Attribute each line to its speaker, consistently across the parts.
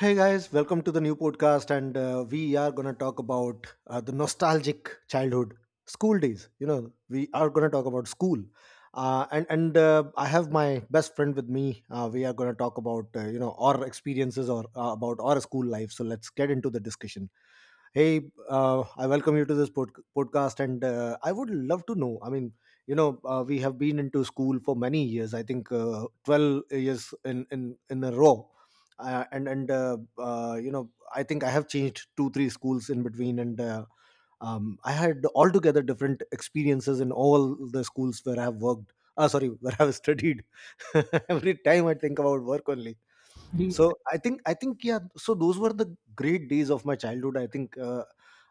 Speaker 1: Hey guys, welcome to the new podcast, and we are gonna talk about the nostalgic childhood school days. You know, we are gonna talk about school, and I have my best friend with me. We are gonna talk about you know our experiences or about our school life. So let's get into the discussion. Hey, I welcome you to this podcast, and I would love to know. I mean, you know, we have been into school for many years. I think 12 years in a row, and you know, I think I have changed 2 3 schools in between, and I had altogether different experiences in all the schools where I have worked. Ah, sorry, where I have studied. Every time I think about work only, so I think yeah, so those were the great days of my childhood. i think uh,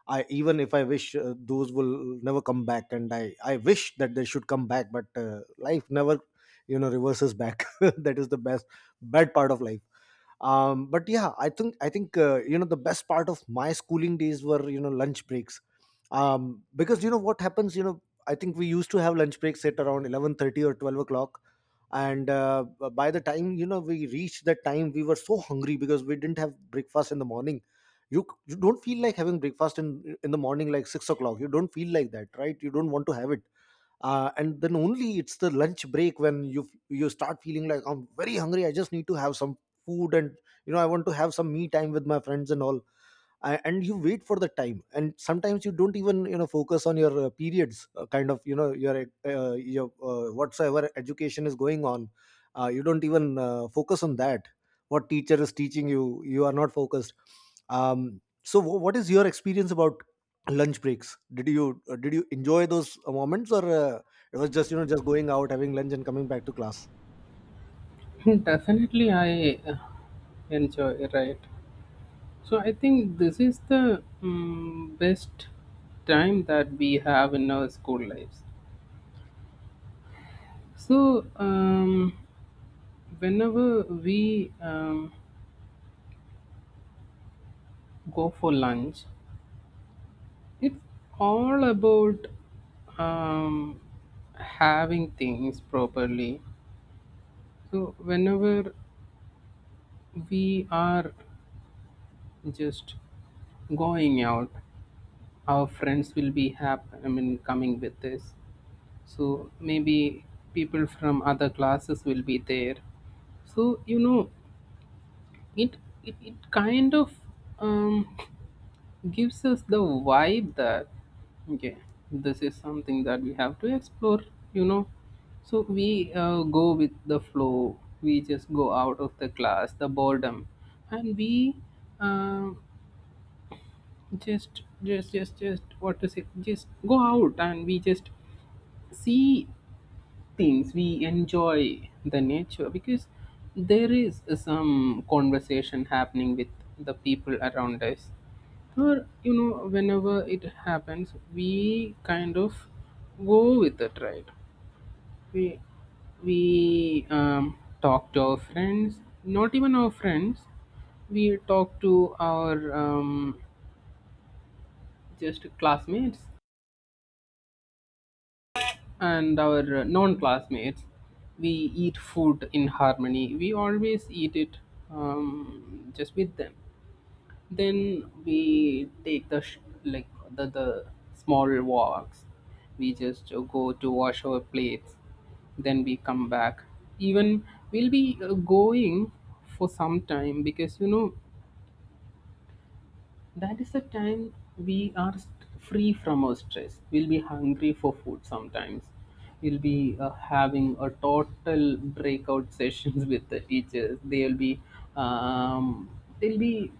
Speaker 1: i even if I wish those will never come back, and I wish that they should come back, but life never, you know, reverses back. That is the best bad part of life. But yeah, I think you know, the best part of my schooling days were, you know, lunch breaks. Because you know what happens, you know, I think we used to have lunch breaks at around 11:30 or 12 o'clock, and by the time, you know, we reached that time we were so hungry because we didn't have breakfast in the morning. You don't feel like having breakfast in the morning, like 6 o'clock, you don't feel like that, right? You don't want to have it. And then only it's the lunch break when you start feeling like, I'm very hungry. I just need to have some food, and I want to have some me time with my friends and all. And you wait for the time, and sometimes you don't even focus on your periods, kind of your whatsoever education is going on. You don't even focus on that. What teacher is teaching you, you are not focused. So, what is your experience about lunch breaks? Did you enjoy those moments, or? It was just, you know, just going out, having lunch, and coming back to class.
Speaker 2: Definitely, I enjoy, right? So, I think this is the best time that we have in our school lives. So, whenever we go for lunch, it's all about um, having things properly. So, whenever we are just going out, our friends will be happy. I mean, coming with us, so maybe people from other classes will be there, so you know it it kind of um, gives us the vibe that okay, this is something that we have to explore, you know. So we go with the flow, we just go out of the class, the boredom, and we uh, just what to say, just go out and we just see things, we enjoy the nature because there is some conversation happening with the people around us. Or you know, whenever it happens we kind of go with it, right? We we talk to our friends, not even our friends, we talk to our just classmates and our non classmates. We eat food in harmony. We always eat it just with them. Then we take the like the small walks. We just go to wash our plates. Then we come back. Even we'll be going for some time, because you know that is the time we are free from our stress. We'll be hungry for food. Sometimes we'll be having a total breakout sessions with the teachers. They'll be um, they'll be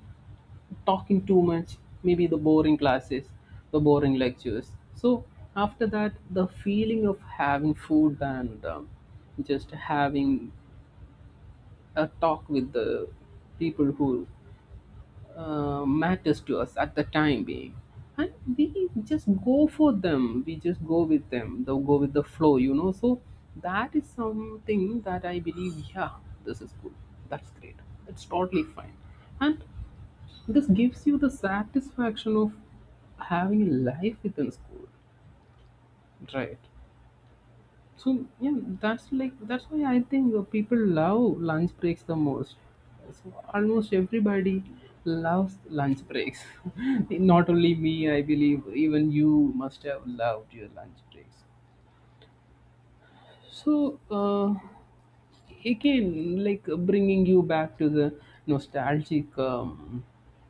Speaker 2: talking too much, maybe the boring classes, the boring lectures. So after that, the feeling of having food and just having a talk with the people who matters to us at the time being, and we just go for them, we just go with them, they go with the flow, you know. So that is something that I believe. Yeah, this is good, that's great, it's totally fine. And this gives you the satisfaction of having a life within school, right? So yeah, that's like that's why I think people love lunch breaks the most. So almost everybody loves lunch breaks. Not only me, I believe even you must have loved your lunch breaks. So, again, like bringing you back to the nostalgic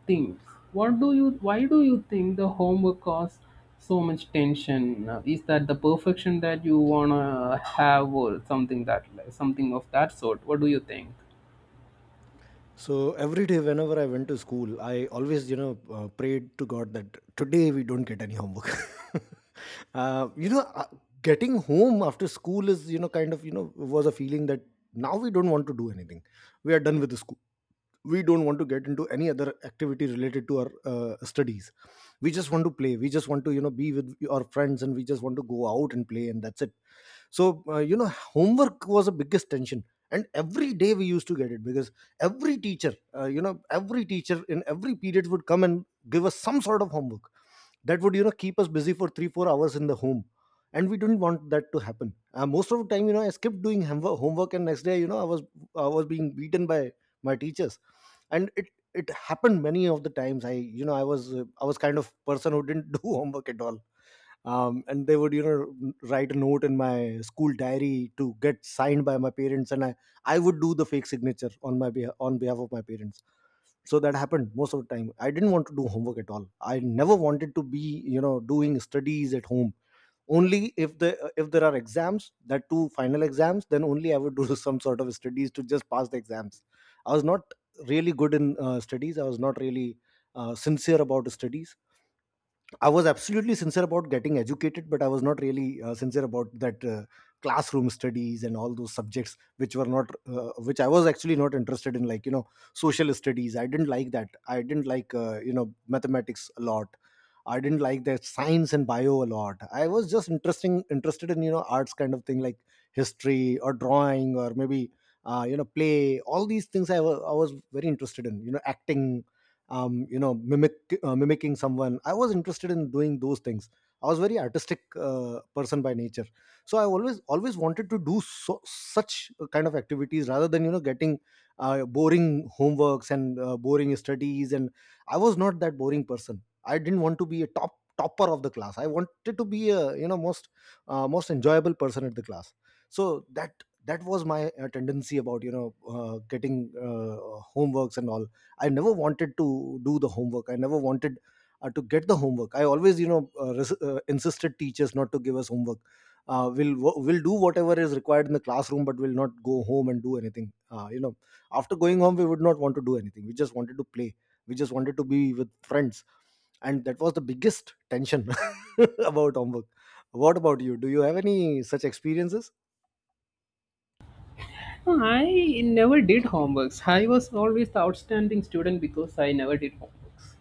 Speaker 2: things. What do you? Why do you think the homework caused so much tension? Is that the perfection that you wanna have, or something that something of that sort? What do you think?
Speaker 1: So every day, whenever I went to school, I always, prayed to God that today we don't get any homework. uh, you know, uh, getting home after school is, kind of, was a feeling that now we don't want to do anything. We are done with the school. We don't want to get into any other activity related to our studies. We just want to play, we just want to, you know, be with our friends, and we just want to go out and play, and that's it. So you know, homework was the biggest tension, and every day we used to get it because every teacher every teacher in every period would come and give us some sort of homework that would, you know, keep us busy for 3 4 hours in the home, and we didn't want that to happen. Most of the time, you know, I skipped doing homework, and next day, you know, I was being beaten by my teachers. And it happened many of the times. I you know i was I was kind of person who didn't do homework at all. And they would, you know, write a note in my school diary to get signed by my parents, and I would do the fake signature on my behalf, on behalf of my parents. So that happened most of the time. I didn't want to do homework at all. I never wanted to be, you know, doing studies at home. Only if the, if there are exams, that two final exams, then only I would do some sort of studies to just pass the exams. I was not really good in studies. I was not really sincere about studies. I was absolutely sincere about getting educated, but I was not really sincere about that classroom studies and all those subjects which were not, which I was actually not interested in, like you know, social studies. I didn't like that. I didn't like you know, mathematics a lot. I didn't like that science and bio a lot. I was just interesting interested in, you know, arts kind of thing, like history or drawing, or maybe you know, play. All these things I I was very interested in. You know, acting, you know, mimicking someone. I was interested in doing those things. I was very artistic person by nature. So I always wanted to do so, such kind of activities rather than, you know, getting boring homeworks and boring studies. And I was not that boring person. I didn't want to be a topper of the class. I wanted to be a, you know, most most enjoyable person at the class. So that was my tendency about, you know, getting homeworks and all. I never wanted to do the homework. I never wanted to get the homework. I always, you know, insisted teachers not to give us homework. We'll do whatever is required in the classroom, but we'll not go home and do anything. You know, after going home, we would not want to do anything. We just wanted to play. We just wanted to be with friends, and that was the biggest tension about homework. What about you? Do you have any such experiences?
Speaker 2: I never did homeworks. I was always the outstanding student because I never did homeworks.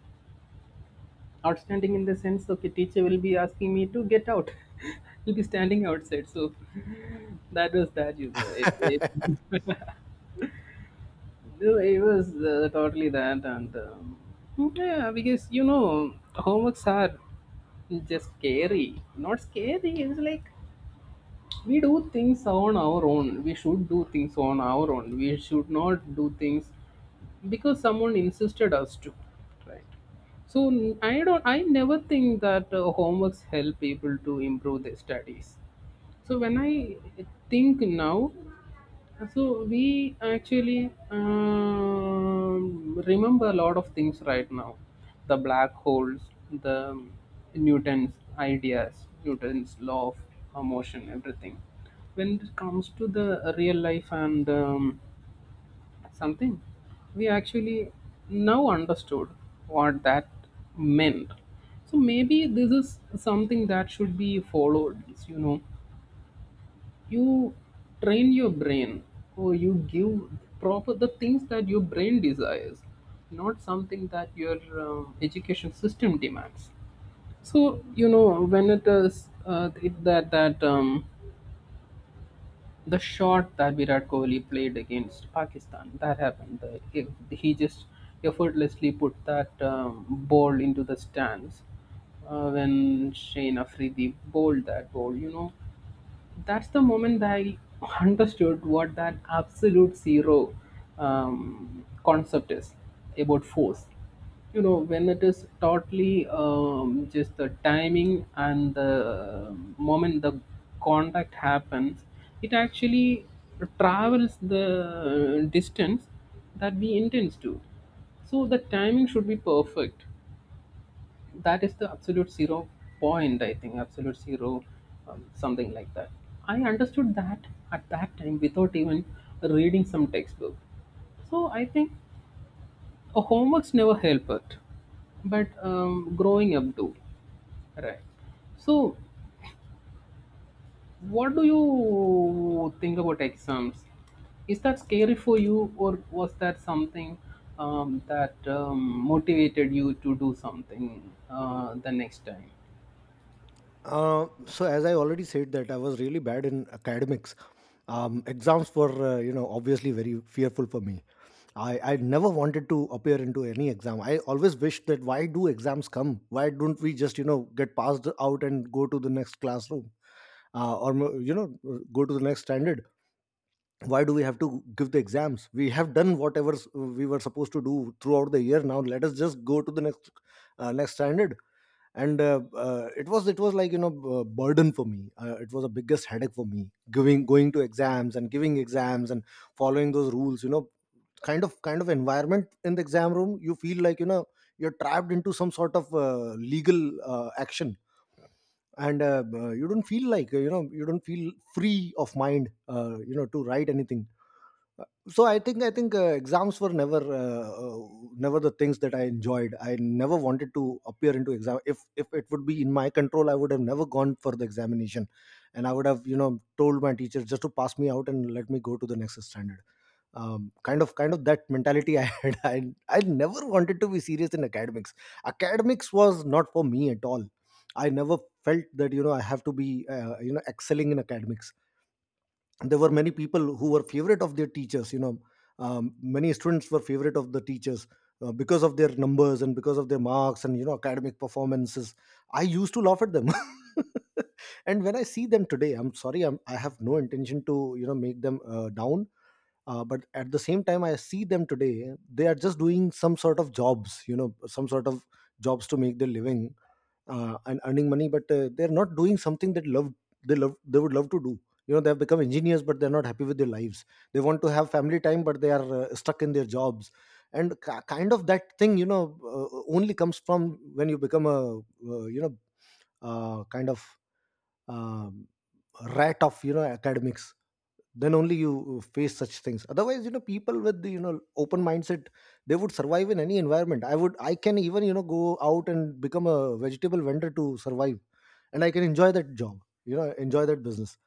Speaker 2: Outstanding in the sense, okay, teacher will be asking me to get out, he'll be standing outside. So that was that, you know, it was totally that. And yeah, because you know, homeworks are just scary, not scary, it's like we do things on our own, we should do things on our own, we should not do things because someone insisted us to, right? So I don't, I never think that homeworks help people to improve their studies. So when I think now, so we actually remember a lot of things right now. The black holes, the Newton's ideas, Newton's law of motion, everything. When it comes to the real life and something, we actually now understood what that meant. So maybe this is something that should be followed. You know, you train your brain, or you give proper the things that your brain desires, not something that your education system demands. So you know, when it is it, that that the shot that Virat Kohli played against Pakistan that happened. The, if he just effortlessly put that ball into the stands when Shane Afridi bowled that ball. You know, that's the moment that I understood what that absolute zero concept is about, force. You know, when it is totally just the timing, and the moment the contact happens, it actually travels the distance that we intend to. So the timing should be perfect, that is the absolute zero point. I think absolute zero, something like that, I understood that at that time without even reading some textbook. So I think homeworks never help it, but growing up do, right? So what do you think about exams? Is that scary for you, or was that something that motivated you to do something the next time?
Speaker 1: So as I already said, that I was really bad in academics. Exams were, you know, obviously very fearful for me. I never wanted to appear into any exam. I always wished that, why do exams come? Why don't we just, you know, get passed out and go to the next classroom? Or you know, go to the next standard. Why do we have to give the exams? We have done whatever we were supposed to do throughout the year. Now let us just go to the next next standard. And it was like, you know, burden for me. It was the biggest headache for me, giving going to exams and giving exams and following those rules, you know, kind of environment in the exam room. You feel like, you know, you're trapped into some sort of legal action. And you don't feel like, you know, you don't feel free of mind you know, to write anything. So I think exams were never never the things that I enjoyed. I never wanted to appear into exam. If it would be in my control, I would have never gone for the examination. And I would have, you know, told my teacher just to pass me out and let me go to the next standard. Kind of that mentality I had. I never wanted to be serious in academics. Academics was not for me at all. I never felt that, you know, I have to be you know, excelling in academics. There were many people who were favorite of their teachers, you know. Many students were favorite of the teachers because of their numbers and because of their marks and, you know, academic performances. I used to laugh at them. And when I see them today, I'm sorry, I have no intention to, you know, make them down. But at the same time, I see them today, they are just doing some sort of jobs, you know, some sort of jobs to make their living and earning money. But they're not doing something that love they love, they would love to do. You know, they have become engineers, but they're not happy with their lives. They want to have family time, but they are stuck in their jobs, and kind of that thing, you know, only comes from when you become a kind of um, rat of, you know, academics. Then only you face such things. Otherwise, you know, people with the, you know, open mindset, they would survive in any environment. I would, I can even, you know, go out and become a vegetable vendor to survive. And I can enjoy that job, you know, enjoy that business.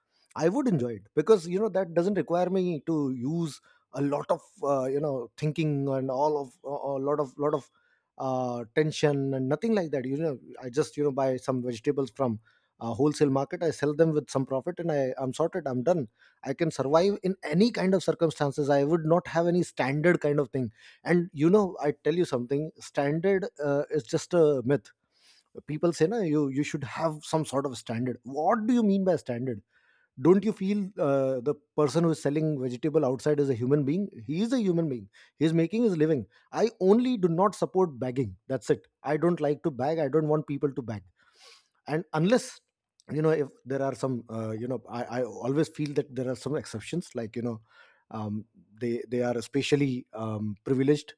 Speaker 1: I would enjoy it because, you know, that doesn't require me to use a lot of you know, thinking and all of a, a lot of tension and nothing like that, you know. I just, you know, buy some vegetables from a wholesale market, I sell them with some profit, and I'm sorted, I'm done. I can survive in any kind of circumstances. I would not have any standard kind of thing. And you know, I tell you something, standard is just a myth. People say, no, you should have some sort of standard. What do you mean by standard? Don't you feel the person who is selling vegetable outside is a human being? He is a human being, he is making his living. I only do not support bagging, that's it. I don't like to bag, I don't want people to bag. And unless, you know, if there are some I always feel that there are some exceptions, like you know, um, they are especially privileged.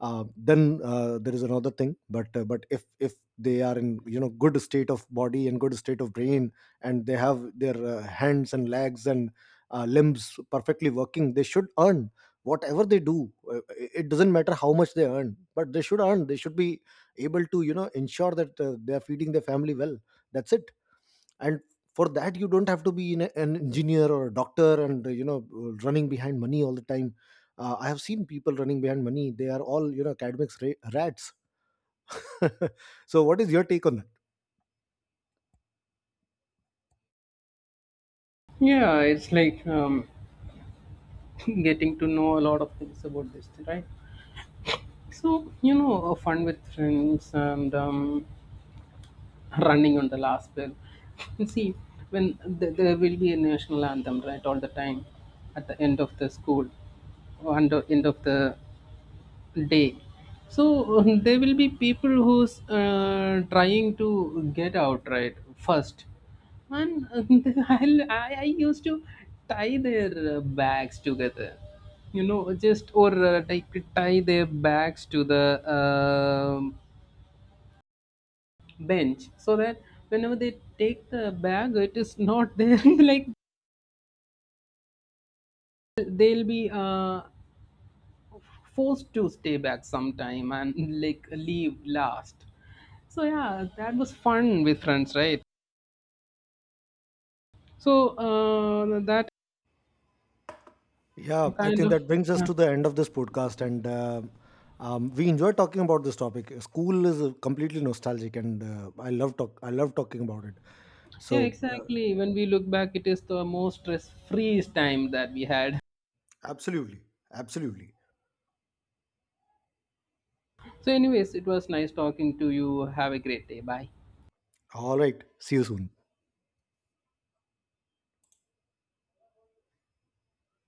Speaker 1: Then there is another thing, but but if they are in, you know, good state of body and good state of brain, and they have their hands and legs and limbs perfectly working, they should earn whatever they do. Uh, it doesn't matter how much they earn, but they should earn, they should be able to, you know, ensure that they are feeding their family well. That's it. And for that, you don't have to be an engineer or a doctor and running behind money all the time. I have seen people running behind money, they are all, you know, academics rats. So what is your take on
Speaker 2: Yeah, it's like getting to know a lot of things about this, right? So, you know, fun with friends and running on the last bell. And see, when there will be a national anthem, right, all the time at the end of the school, or at the end of the day. So there will be people who's trying to get out right first. And I used to tie their bags together, you know, just, or like tie their bags to the bench so that whenever they take the bag it is not there. Like they'll be forced to stay back sometime and like leave last. So yeah, that was fun with friends, right? So that
Speaker 1: that? Yeah, I
Speaker 2: kind
Speaker 1: think
Speaker 2: of,
Speaker 1: that brings us
Speaker 2: yeah,
Speaker 1: to the end of this podcast. And we enjoy talking about this topic. School is completely nostalgic and I love talking about it.
Speaker 2: yeah,
Speaker 1: So
Speaker 2: exactly. When we look back, it is the most stress-free time that we had.
Speaker 1: absolutely, absolutely.
Speaker 2: So, anyways, it was nice talking to you. Have a great day. Bye.
Speaker 1: All right, see you soon.